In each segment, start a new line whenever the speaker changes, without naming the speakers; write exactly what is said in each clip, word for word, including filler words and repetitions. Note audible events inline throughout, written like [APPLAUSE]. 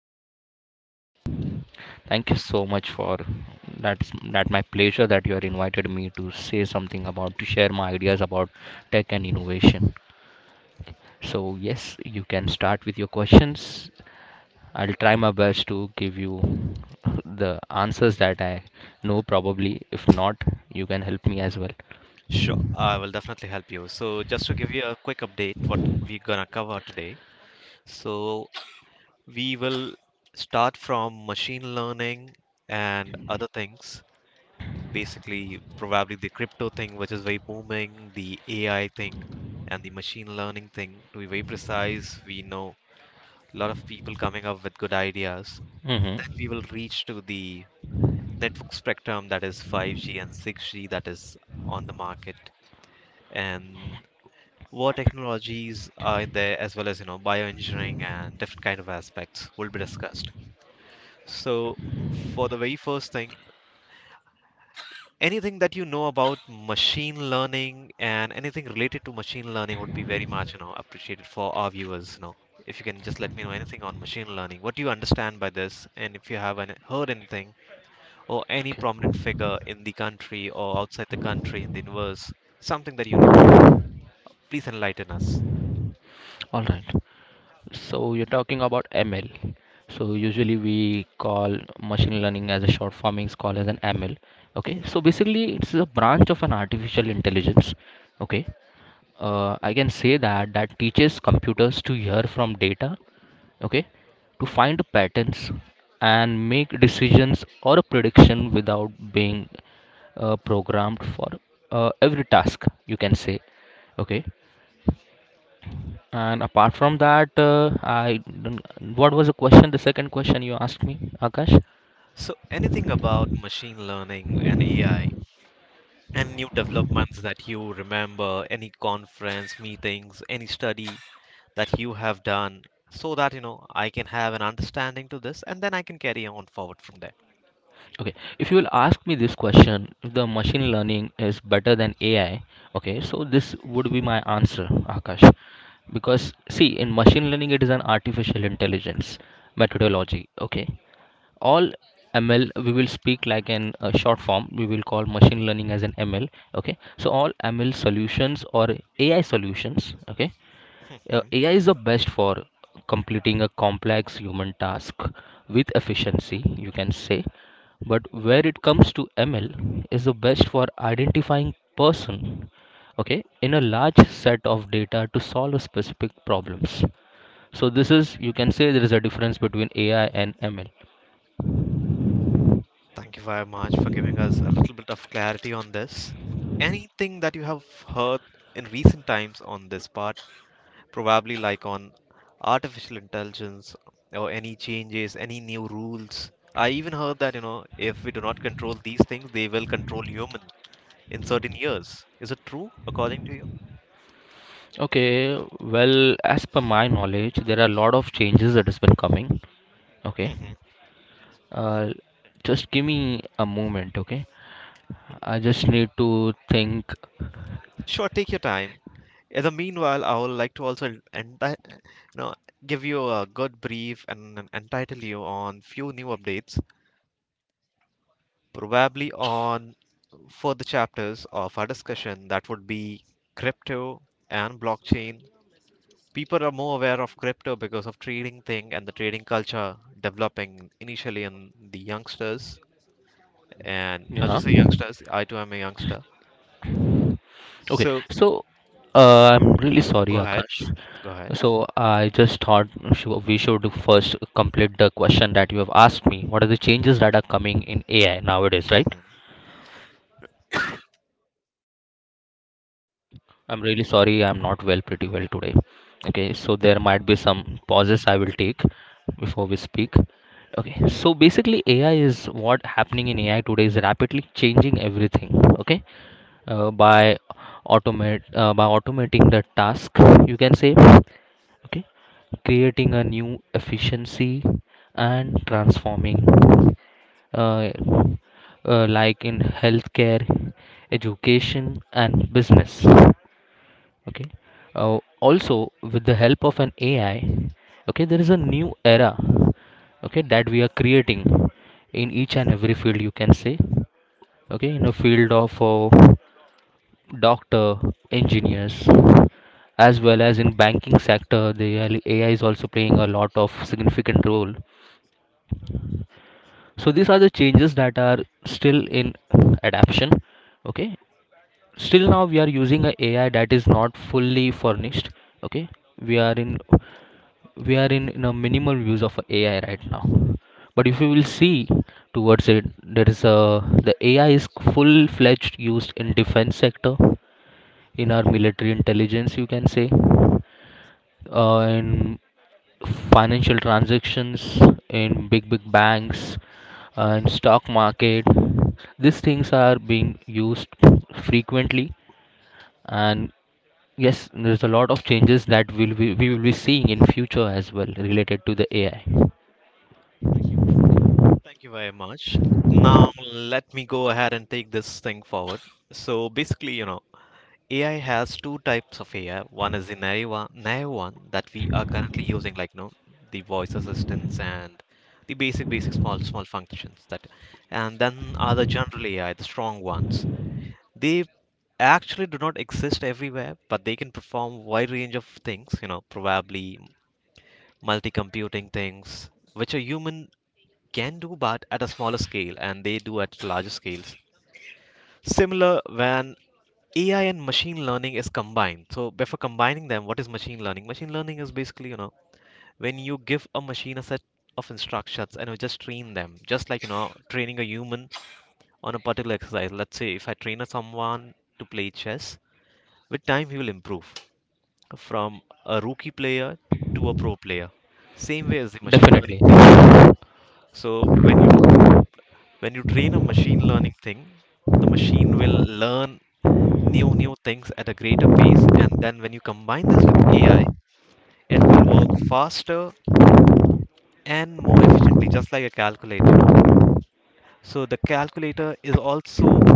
podcast for the same.
Thank you so much for that's that my pleasure that you have invited me to say something about to share my ideas about tech and innovation. So yes, you can start with your questions. I'll try my best to give you the answers that I know probably. If not, you can help me as well.
Sure, I will definitely help you. So just to give you a quick update, what we're gonna cover today. So We will start from machine learning and other things. Basically, probably the crypto thing, which is very booming, the A I thing, and the machine learning thing. To be very precise, we know a lot of people coming up with good ideas. Then we
Mm-hmm.
will reach to the network spectrum that is five G and six G that is on the market, and what technologies are there, as well as you know bioengineering and different kind of aspects will be discussed. So, for the very first thing, anything that you know about machine learning and anything related to machine learning would be very much, you know, appreciated for our viewers, you know. If you can just let me know anything on machine learning, what do you understand by this? And if you haven't heard anything or any prominent figure in the country or outside the country in the universe, something that you know, please enlighten us.
All right. So you're talking about M L. So usually we call machine learning as a short form is called as an M L. Okay. So
Mhm.
basically it's a branch of an artificial intelligence. Okay. Uh, I can say that that teaches computers to hear from data. Okay. To find patterns and make decisions or a prediction without being uh, programmed for uh, every task. You can say. Okay. And apart from that, uh, I don't- what was the question? The second question you asked me, Akash.
So, anything about machine learning and A I, and new developments that you remember, any conference, meetings, any study that you have done, so that you know I can have an understanding to this and then I can carry on forward from there.
Okay, if you will ask me this question, if the machine learning is better than A I, okay, so this would be my answer, Akash. Because see, in machine learning, it is an artificial intelligence methodology. Okay, all M L we will speak like in a short form. We will call machine learning as an M L. Okay, so all M L solutions or A I solutions. Okay. Uh,
Mhm.
A I is the best for completing a complex human task with efficiency, you can say. But where it comes to M L is the best for identifying person, okay, in a large set of data to solve a specific problems. So this is you can say there is a difference between A I and M L.
Thank you very much for giving us a little bit of clarity on this. Anything that you have heard in recent times on this part, probably like on artificial intelligence or any changes, any new rules. I even heard that, you know, if we do not control these things, they will control humans in certain years. Is it true, according to you?
Okay, well, as per my knowledge, there are a lot of changes that has been coming. Okay,
Hmm.
uh, just give me a moment. Okay, I just need to think.
Sure, take your time. In the meanwhile, I would like to also enti- you know, give you a good brief and en- entitle you on few new updates, probably on further chapters of our discussion that would be crypto and blockchain. People are more aware of crypto because of trading thing and the trading culture developing initially in the youngsters, and not
Yeah.
just the youngsters, I too am a youngster.
Okay.
So,
So, uh, I'm really sorry,
go ahead.
Akash.
Go ahead.
So, I just thought shou- we should first complete the question that you have asked me. What are the changes that are coming in A I nowadays, right?
Mhm,
I'm really sorry. I'm not well, pretty well today. Okay. So, there might be some pauses
mhm.
I will take before we speak. Okay. So, basically, A I is what happening in A I today is rapidly changing everything. Okay. uh, by automate uh, by automating the task, you can say. Okay, creating a new efficiency and transforming uh, uh, like in healthcare, education and business. Okay, uh, also with the help of an AI. Okay, there is a new era, okay, that we are creating in each and every field, you can say. Okay, in a field of uh, doctor, engineers, as well as in banking sector, the A I is also playing a lot of significant role. So these are the changes that are still in adaptation. Okay, still now we are using a AI that is not fully furnished. Okay, we are in we are in, in a minimal use of A I right now. But if you will see towards it, there is a the A I is full fledged used in defense sector in our military intelligence, you can say, uh, in financial transactions, in big, big banks, uh, in stock market. These things are being used frequently, and yes, there's a lot of changes that we'll be, we will be seeing in future as well related to the A I.
Thank you very much. Now, let me go ahead and take this thing forward. So, basically, you know, A I has two types of A I. One is the naive one, naive one that we are currently using, like, you know, the voice assistants and the basic, basic, small, small functions that, and then are the general A I, the strong ones. They actually do not exist everywhere, but they can perform wide range of things, you know, probably multi computing things, which a human can do but at a smaller scale and they do at larger scales. Similar when A I and machine learning is combined. So before combining them, what is machine learning? Machine learning is basically, you know, when you give a machine a set of instructions and you just train them, just like you know, training a human on a particular exercise. Let's say if I train someone to play chess, with time he will improve from a rookie player to a pro player, same way as the machine learning
Definitely.
thing. So when when you train a machine learning thing, the machine will learn new new things at a greater pace, and then when you combine this with AI, it will work faster and more efficiently, just like a calculator. So the calculator is also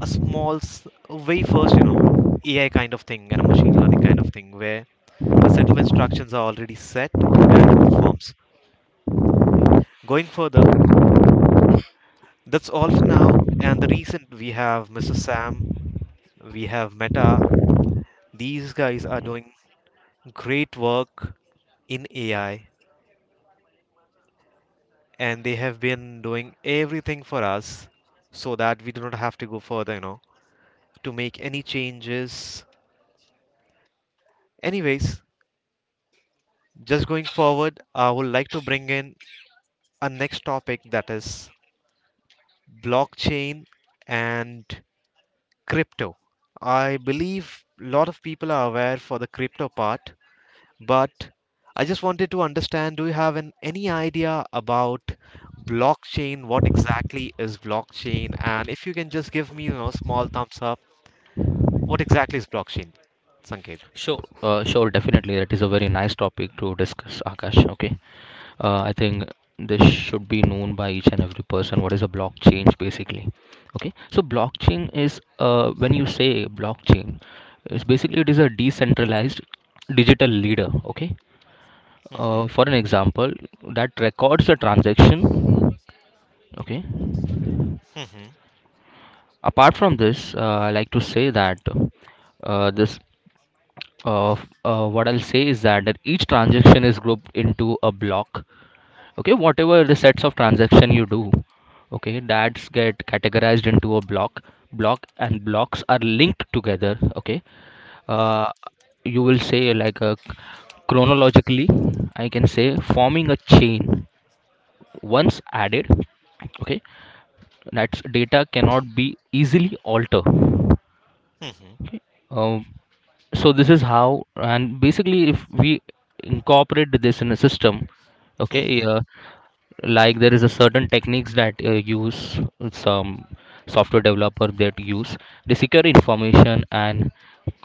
a small s- way first, you know, AI kind of thing and a machine learning kind of thing, where a set of instructions are already set and it performs going further. That's all for now. And the recent, we have Mr. Sam, we have Meta. These guys are doing great work in A I, and they have been doing everything for us so that we do not have to go further, you know, to make any changes. Anyways, just going forward, I would like to bring in a next topic, that is blockchain and crypto. I believe a lot of people are aware for the crypto part, but I just wanted to understand, do you have an, any idea about blockchain? What exactly is blockchain? And if you can just give me, you know, small thumbs up, what exactly is blockchain, Sanket?
Sure, uh, sure, definitely. That is a very nice topic to discuss, Akash. Okay. Uh, I think this should be known by each and every person. What is a blockchain basically? Okay, so blockchain is, uh, when you say blockchain, it's basically it is a decentralized digital leader. Okay,
Mhm,
uh, for an example, that records a transaction. Okay,
mhm,
apart from this, uh, I like to say that, uh, this uh, f- uh, what I'll say is that, that each transaction is grouped into a block, okay, whatever the sets of transaction you do, okay, that's get categorized into a block, block and blocks are linked together, okay,
mhm,
uh, you will say like a chronologically, I can say, forming a chain once added, okay, that's data cannot be easily altered.
mhm,
Okay. um, so this is how, and basically, if we incorporate this in a system, okay,
mhm.
uh, like there is a certain techniques that uh, use some software developer that use, they secure information and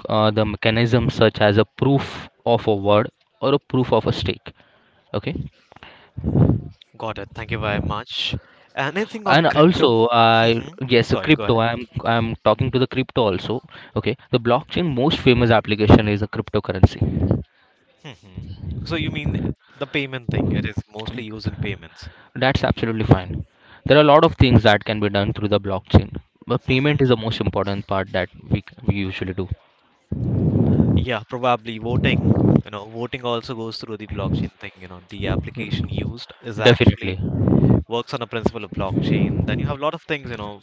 uh, the mechanism such as a proof of a word or a proof of a stake. Okay.
Got it. Thank you very much. And anything on
and also
crypto?
I
Mhm.
Yes, a
Sorry, go
crypto,
ahead.
i'm i'm talking to the crypto also. Okay, the blockchain most famous application is a cryptocurrency.
Mhm. So you mean the payment thing? It is mostly used in payments.
That's absolutely fine. There are a lot of things that can be done through the blockchain, but payment is
[LAUGHS]
the most important part that we, c- we usually do.
Yeah, probably voting. You know, voting also goes through the blockchain thing. You know, the application used is
Definitely.
actually works on a principle of blockchain. Then you have a lot of things. You know,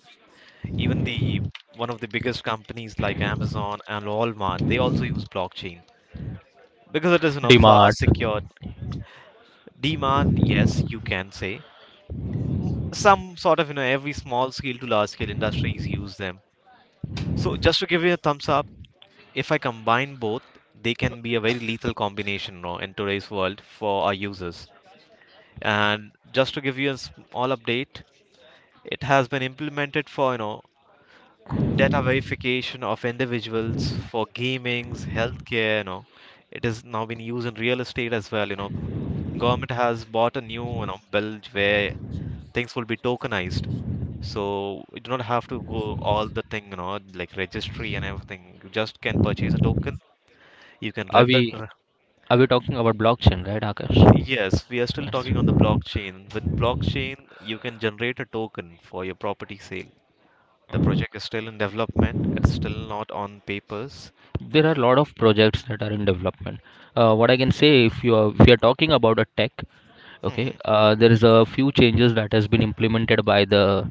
even the one of the biggest companies like Amazon and Walmart, they also use blockchain because it is you know far
D mart.
secure. DMart, yes, you can say some sort of you know every small scale to large scale industries use them. So just to give you a thumbs up, if I combine both, they can be a very lethal combination, you know, in today's world for our users. And just to give you a small update, it has been implemented for you know data verification of individuals for gamings, healthcare. You know, it is now been used in real estate as well. You know, government has bought a new you know bill where things will be tokenized, so you do not have to go all the thing you know like registry and everything. You just can purchase a token. You can
Are
read the
we
n-
are we talking about blockchain, right, Akash?
Yes. We are still
Yes.
talking on the blockchain. With blockchain, you can generate a token for your property sale. The project is still in development. It's still not on papers.
There are a lot of projects that are in development. Uh, what I can say, if you are, if you are talking about a tech, okay,
Hmm.
uh, there is a few changes that has been implemented by the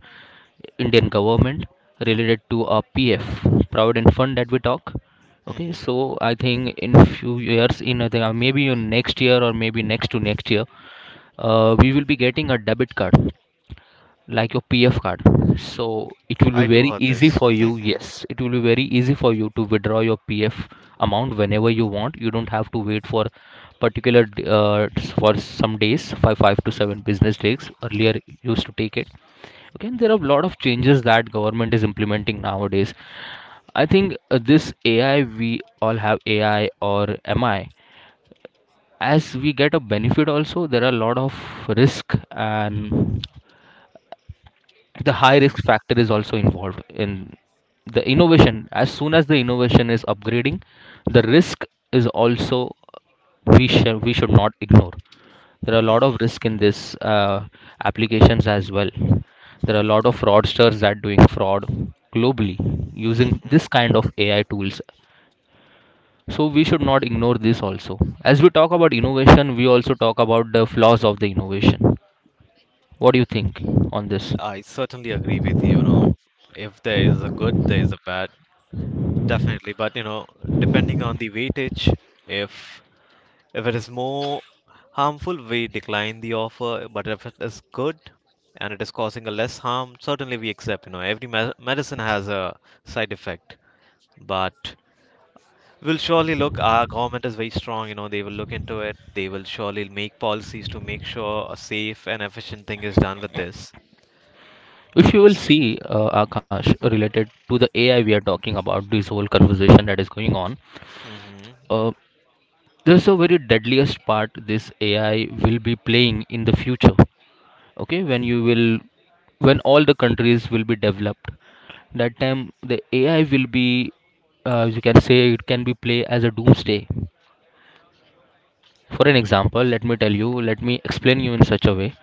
Indian government related to a P F, Provident Fund that we talk. Okay,
Hmm.
so I think in few years, in I think, uh, maybe in next year or maybe next to next year, uh, we will be getting a debit card like your P F card. So it will be
I too
very
heard
easy
this.
for you.
Hmm.
Yes, it will be very easy for you to withdraw your P F amount whenever you want. You don't have to wait for particular d- uh, for some days, five five to seven business days. Earlier you used to take it. Okay, and there are a lot of changes that government is implementing nowadays. I think uh, this A I, we all have A I or M I. As we get a benefit, also there are a lot of risk, and the high risk
Hmm.
factor is also involved in the innovation. As soon as the innovation is upgrading, the risk is also, we should we should not ignore. There are a lot of risk in this uh, applications as well. There are a lot of fraudsters that doing fraud globally using
Hmm.
this kind of AI tools. So we should not ignore this also. As we talk about innovation, we also talk about the flaws of the innovation. What do you think on this?
I certainly agree with you. You know, if there is a good, there is a bad, definitely. But you know, depending on the weightage, if if it is more harmful, we decline the offer. But if it is good and it is causing a less harm, certainly we accept. You know, every me medicine has a side effect, but will surely look, our government is very strong, you know, they will look into it, they will surely make policies to make sure a safe and efficient thing is done with this.
If you will see, uh, Akash, related to the A I we are talking about, this whole conversation that is going on,
Mm-hmm.
uh, there's a very deadliest part this A I will be playing in the future. Okay, when you will, when all the countries will be developed, that time the A I will be, uh, you can say, it can be play as a doomsday. For an example, let me tell you, let me explain you in such a way.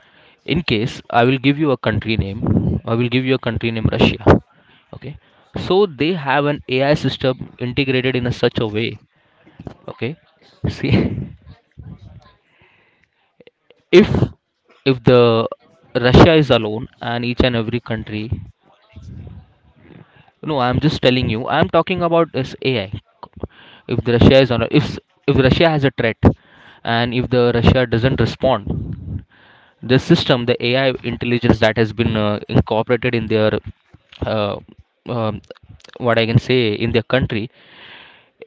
In case I will give you a country name, I will give you a country name Russia. Okay. So they have an A I system integrated in a such a way. Okay. See, [LAUGHS] if if the Russia is alone and each and every country, no, I'm just telling you, I'm talking about this A I. If the Russia is on, if if Russia has a threat, and if the Russia doesn't respond. The system, the AI intelligence that has been uh, incorporated in their uh, um, what I can say, in their country,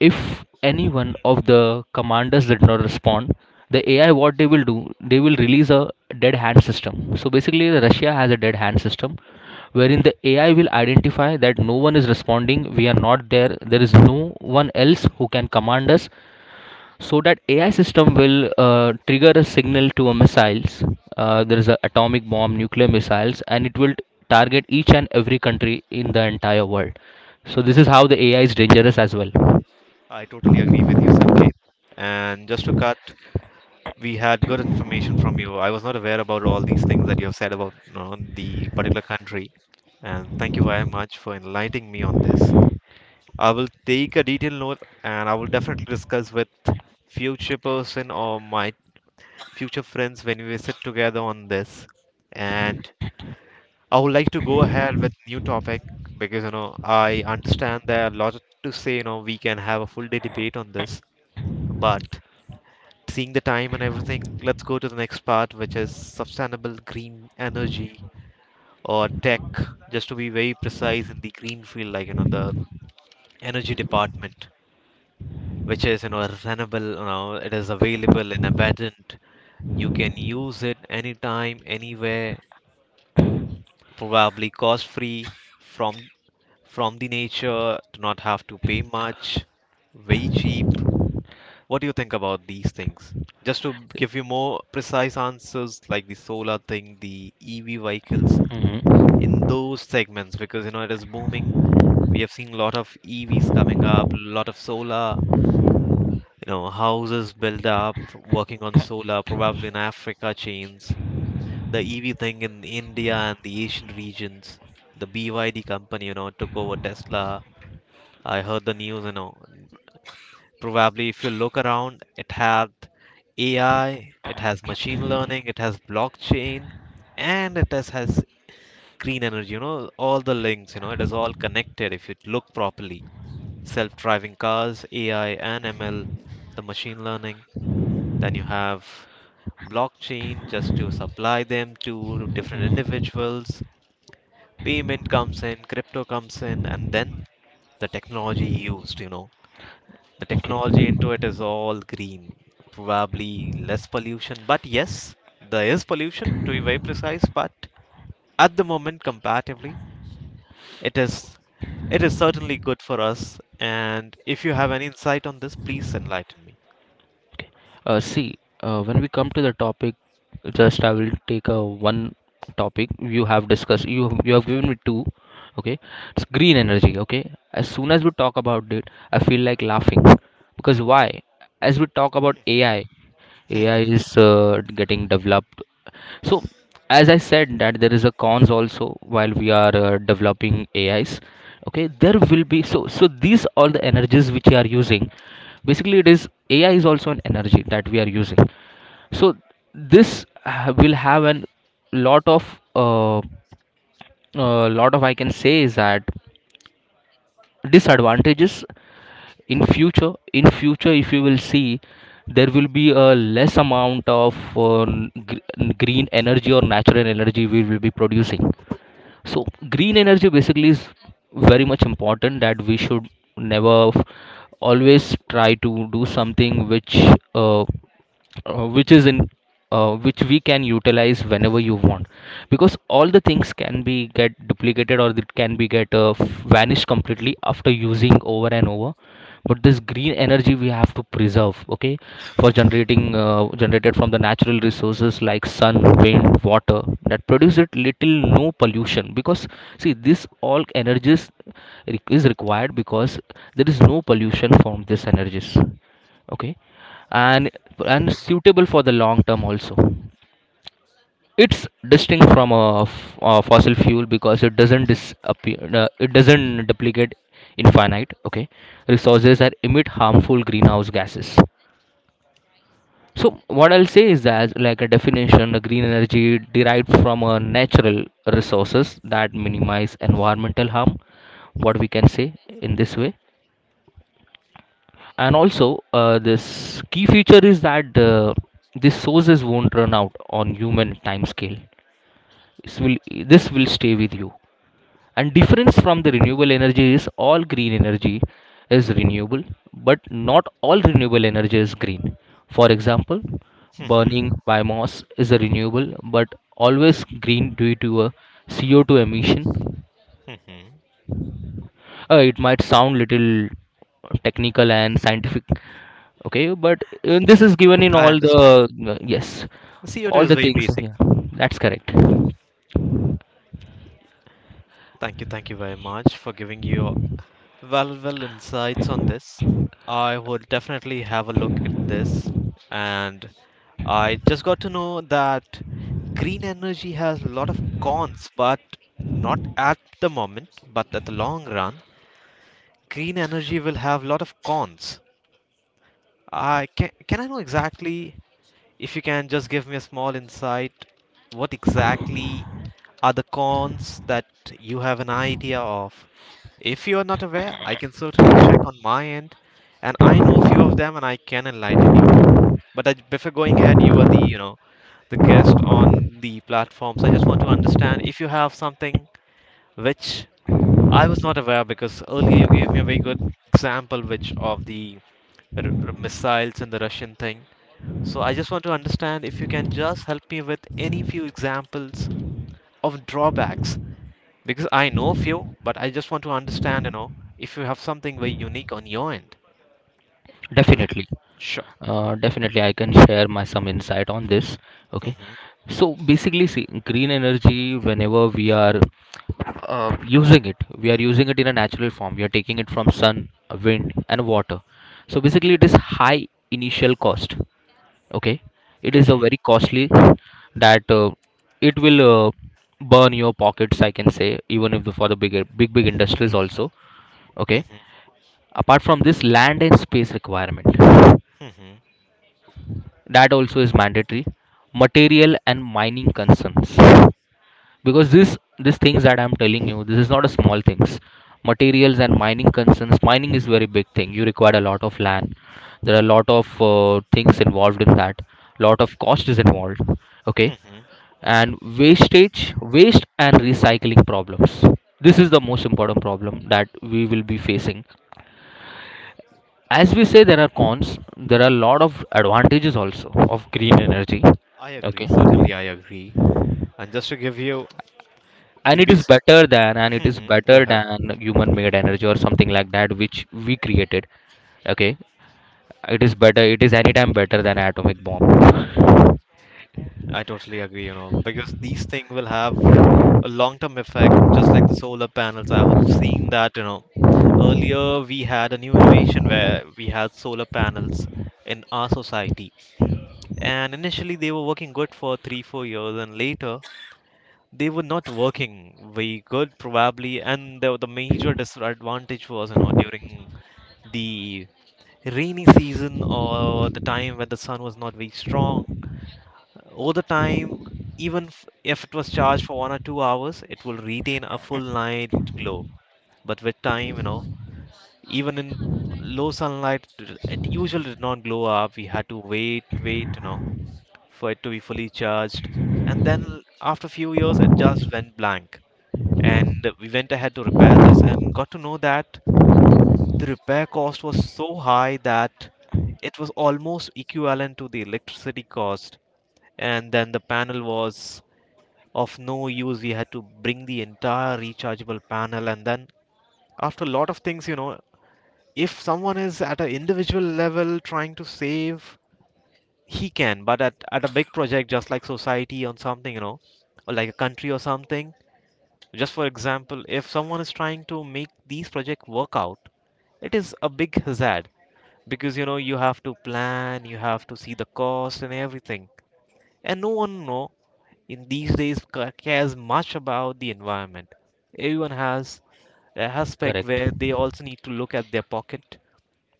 if any one of the commanders did not respond, the AI, what they will do, they will release a dead hand system. So basically Russia has a dead hand system, wherein the AI will identify that no one is responding, we are not there, there is no one else who can command us. So that AI system will uh, trigger a signal to a missiles. Uh, there is a atomic bomb nuclear missiles, and it will target each and every country in the entire world. So this is how the AI is dangerous as well.
I totally agree with you, Sanket. And just to cut, we had good information from you. I was not aware about all these things that you have said about, you know, the particular country, and thank you very much for enlightening me on this. I will take a detailed note and I will definitely discuss with future person or my future friends when we sit together on this. And I would like to go ahead with new topic because you know I understand there are a lot to say. You know we can have a full day debate on this, but seeing the time and everything, let's go to the next part, which is sustainable green energy or tech. Just to be very precise in the green field, like you know the energy department, which is you know renewable. You know it is available and abundant. You can use it anytime, anywhere, probably cost free, from from the nature, do not have to pay much, very cheap. What do you think about these things? Just to give you more precise answers, like the solar thing, the EV vehicles,
Hmm.
in those segments, because you know it is booming. We have seen a lot of E Vs coming up, a lot of solar, you know, houses built up working on solar, probably in Africa chains, the E V thing in India and the Asian regions. The B Y D company, you know, took over Tesla. I heard the news, you know. Probably if you look around, it had A I, it has machine learning, it has blockchain, and it has, has green energy, you know, all the links, you know, it is all connected if you look properly. Self-driving cars, A I and M L, the machine learning, then you have blockchain just to supply them to different
Hmm.
individuals, payment comes in, crypto comes in, and then the technology used, you know, the
Okay.
technology into it is all green, probably less pollution. But yes, there is pollution to be very precise, but at the moment, comparatively, it is it is certainly good for us. And if you have any insight on this, please enlighten me.
Okay, uh, see, uh, when we come to the topic, just I will take a one topic. You have discussed, you have- you have given me two. Okay, it's green energy. Okay, as soon as we talk about it, I feel like laughing. Because why? As we talk about
Mhm,
ai A I,
mhm,
is uh, getting developed. So, as I said, that there is a cons also while we are uh, developing A Is. Okay, there will be so so these all the energies which we are using. Basically, it is A I is also an energy that we are using. So this ha- will have an lot of uh, uh, lot of, I can say, is that disadvantages in future. In future, if you will see, there will be a less amount of uh, gr- green energy or natural energy we will be producing. So green energy basically is very much important, that we should never f- always try to do something which uh, uh, which is in uh, which we can utilize whenever you want, because all the things can be get duplicated or it can be get uh, vanished completely after using over and over. But this green energy we have to preserve, okay, for generating uh, generated from the natural resources like sun, wind, water, that produce it little no pollution. Because, see, this all energies, req- is required, because there is no pollution from this energies. Okay, and and
mhm,
suitable for the long term also. It's distinct from a, f- a fossil fuel, because it doesn't disappear, uh, it doesn't duplicate infinite. Okay, resources that emit harmful greenhouse gases. So what I'll say is that, like a definition, a green energy derived from a natural resources that minimize environmental harm. What we can say, in this way. And also, uh, this key feature is that the these sources won't run out on human time scale. This will, this will stay with you. And difference from the renewable energy is all green energy is renewable, but not all renewable energy is green. For example,
mhm,
burning biomass is a renewable, but always green due to a c o two emission.
mhm.
Uh, it might sound little technical and scientific. Okay, but uh, this is given in
I
all the,
understand.
uh, yes,
C O two
all
is
the
very
things,
basic.
yeah, that's correct.
Thank you, thank you very much for giving your Well, well, insights on this. I would definitely have a look at this. And I just got to know that green energy has a lot of cons, but not at the moment, but at the long run, green energy will have a lot of cons. I can, can I know exactly if you can just give me a small insight, what exactly are the cons that you have an idea of? If you are not aware, I can certainly check on my end, and I know a few of them and I can enlighten you. But I, before going ahead, you are the, you know, the guest on the platform. So I just want to understand if you have something which I was not aware because earlier you gave me a very good example which of the r- r- missiles and the Russian thing. So I just want to understand if you can just help me with any few examples of drawbacks because I know few, but I just want to understand, you know, if you have something very unique on your end. That,
Definitely.
sure.
Uh, definitely, I can share my some insight on this. Okay,
Hmm.
so basically, see, green energy. Whenever we are uh, using it, we are using it in a natural form. We are taking it from sun, wind, and water. So basically, it is high initial cost. Okay, it is a very
Hmm.
costly, that uh, it will, uh, burn your pockets. I can say even if the, for the big big big industries also. Okay,
Hmm.
apart from this, land and space requirement.
Hmm.
That also is mandatory. Material and mining concerns, because this these things that I'm telling you, this is not a small things. Materials and mining concerns. Mining is very big thing, you require a lot of land. There are a lot of uh, things involved in that. Lot of cost is involved. Okay,
Hmm.
and wastage, waste and recycling problems. This is the most important problem that we will be facing. As we say, there are cons, there are a lot of advantages also of green energy.
I agree.
Okay,
Certainly, I agree. And just to give you the
and it is
base,
better than and it is
hmm, go
better
ahead.
than human made energy or something like that which we created. Okay, it is better it is anytime better than atomic bomb.
I totally agree, you know, because these things will have a long-term effect, just like the solar panels. I have seen that, you know, earlier we had a new innovation where we had solar panels in our society, and initially they were working good for three, four years, and later they were not working very good probably. And the, the major disadvantage was, you know, during the rainy season or the time when the sun was not very strong all the time, even f- if it was charged for one or two hours, it will retain a full night glow. But with time, you know, even in low sunlight, it it usually did not glow up. We had to wait wait you know, for it to be fully charged. And then after a few years it just went blank. And we went ahead to repair this and got to know that the repair cost was so high that it was almost equivalent to the electricity cost. And then the panel was of no use. We had to bring the entire rechargeable panel. And then, after a lot of things, you know, if someone is at an individual level trying to save, he can, but at, at a big project just like society on something, you know, or like a country or something. Just for example, if someone is trying to make these project work out, it is a big hazard, because you know you have to plan, you have to see the cost and everything. And no one know in these days ca- cares much about the environment. Everyone has an aspect
Correct.
where they also need to look at their pocket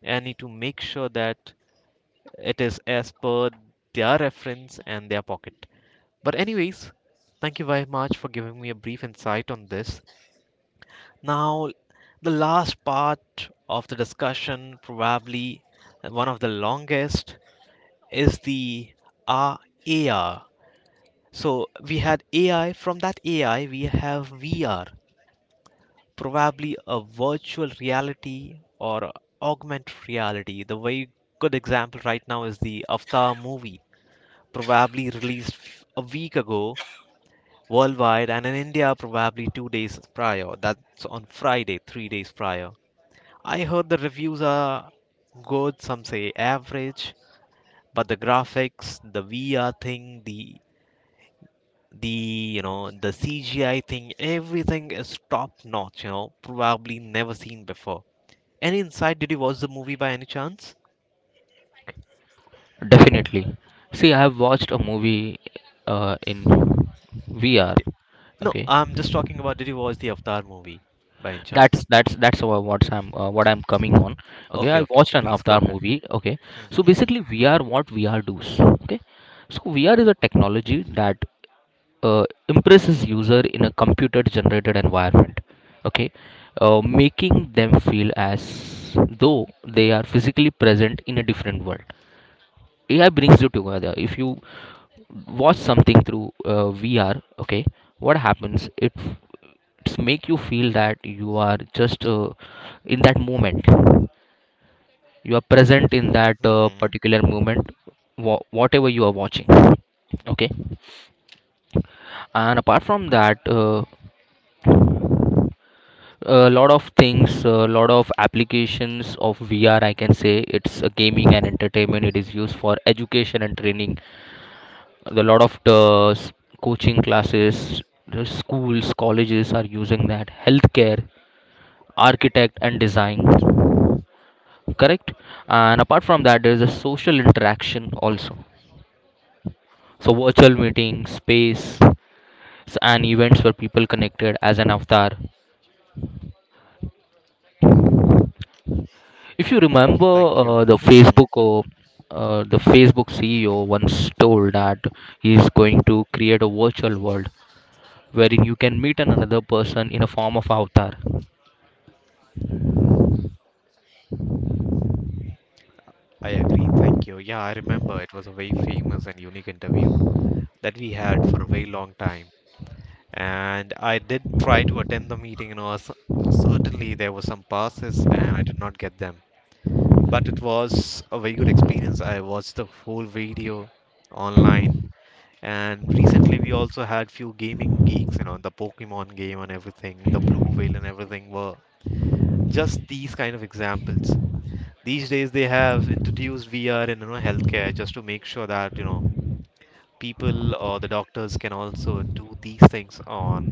and need to make sure that it is as per their reference and their pocket. But anyways, thank you very much for giving me a brief insight on this. Now, the last part of the discussion, probably one of the longest, is the uh, A R. So, we had AI, from that AI, we have V R, probably a virtual reality or augmented reality. The very good example right now is the Avatar movie, probably released f- a week ago worldwide, and in India, probably two days prior. That's on Friday, three days prior. I heard the reviews are good, some say average, but the graphics, the V R thing, the the you know the C G I thing, everything is top notch, you know, probably never seen before. Any insight, did you watch the movie by any chance?
Definitely, see, I have watched a movie uh, in VR.
No,
Okay,
I'm just talking about, did you watch the Avatar movie by any chance?
that's that's that's wha- what's I'm uh, what I'm coming on. Okay,
Okay,
I
okay,
watched
okay,
an
please go
Avatar
ahead.
movie. Okay, so
Hmm.
basically, VR, what VR does. Okay, so VR is a technology that uh, impresses user in a computer generated environment. Okay, uh, making them feel as though they are physically present in a different world. AI brings you together. If you watch something through uh, VR, okay, what happens, it it's make you feel that you are just, uh, in that moment, you are present in that,
Hmm.
uh,
Hmm.
particular moment, wha- whatever you are watching. Okay, and apart from that, uh, a lot of things, a lot of applications of VR, I can say, it's a gaming and entertainment, it is used for education and training, a lot of the s- coaching classes, the schools, colleges are using that, healthcare, architect and design. Correct. And apart from that, there is a social interaction also. So virtual meetings space s- and events where people connected as an avatar. If you
Thank
remember,
you, thank you.
uh, the
Hmm.
Facebook uh, uh, the Facebook C E O once told that he is going to create a virtual world wherein you can meet another person in a form of avatar.
I agree, thank you. Yeah, I remember it was a very famous and unique interview that we had for a very long time. And I did try to attend the meeting, and also certainly there were some passes, and I did not get them. But it was a very good experience. I watched the whole video online, and recently we also had few gaming geeks, you know, the Pokemon game and everything, the Blue Whale and everything, were just these kind of examples. These days they have introduced V R in, you know, healthcare, just to make sure that, you know, people or the doctors can also do these things on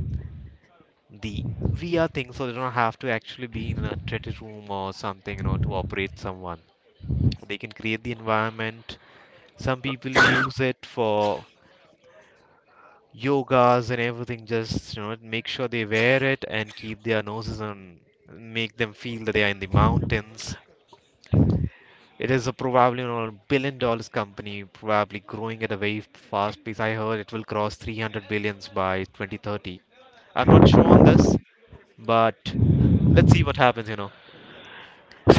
the V R thing, so they don't have to actually be in a treated room or something, you know, to operate someone. They can create the environment. Some people use it for yogas and everything, just, you know, make sure they wear it and keep their noses on, make them feel that they are in the mountains. It is a probably, you know, billion dollars company, probably growing at a very fast pace. I heard it will cross three hundred billions by twenty thirty. I'm not sure on this, but let's see what happens, you know.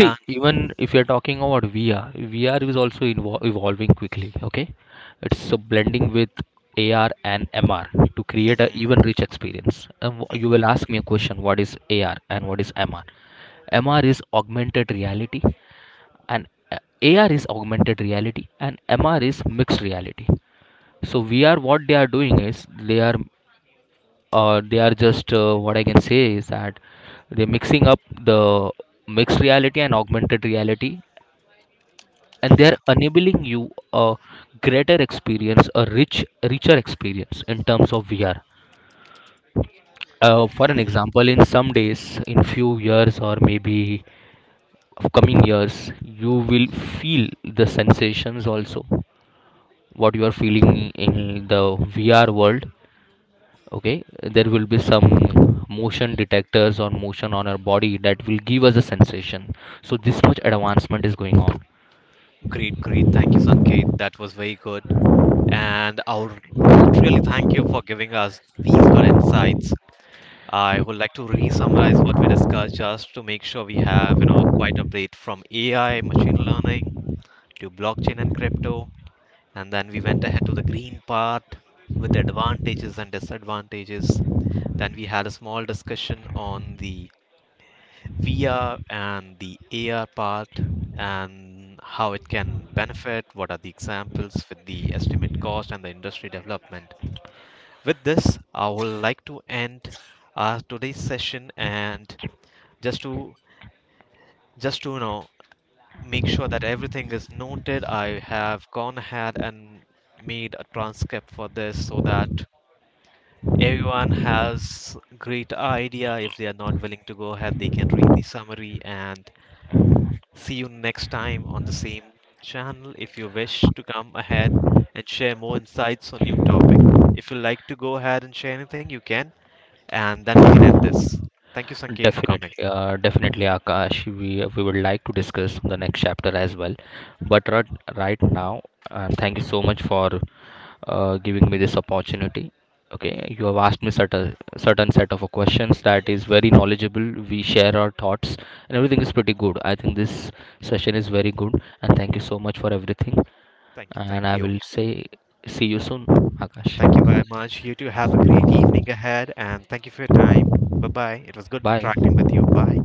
Uh,
even if you're talking about V R, V R is also evol- evolving quickly. Okay, it's a blending with A R and M R to create an even
[LAUGHS]
rich experience. And wh- you will ask me a question: what is A R and what is M R? M R is augmented reality, and uh, A R is augmented reality and M R is mixed reality. So V R, what they are doing is they are, uh, they are just uh, what I can say is that they're mixing up the mixed reality and augmented reality, and
Mhm.
they're enabling you a greater experience, a rich, richer experience in terms of V R. Uh, for an
Mhm.
example, in some days, in few years or maybe of coming years, you will feel the sensations also what you are feeling in the V R world. Okay, there will be some motion detectors or motion on our body that will give us a sensation. So this much advancement is going on.
Great, great. Thank you, Sanket. That was very good. And I would really thank you for giving us these good insights. I would like to re-summarize what we discussed just to make sure we have, you know, quite a breadth from A I, machine learning, to blockchain and crypto. And then we went ahead to the green part with advantages and disadvantages. Then we had a small discussion on the V R and the A R part and how it can benefit, what are the examples with the estimate cost and the industry development. With this, I would like to end our today's session, and just to just to you know make sure that everything is noted, I have gone ahead and made a transcript for this, so that everyone has great idea. If they are not willing to go ahead, they can read the summary. And see you next time on the same channel if you wish to come ahead and share more insights on new topic. If you like to go ahead and share anything, you can, and then we can end this. Thank you, Sanket, for coming.
Definitely, uh, definitely, Akash. We we would like to discuss the next chapter as well, but right, right now, uh, thank you so much for uh, giving me this opportunity. Okay, you have asked me certain certain set of questions that is very knowledgeable. We share our thoughts and everything is pretty good. I think this session is very good and thank you so much for everything.
Thank you,
And
thank
I
you.
will say see you soon, Akash.
Thank you very much. You too have a great evening ahead, and thank you for your time. Bye bye. It was good
Bye.
interacting with you. Bye.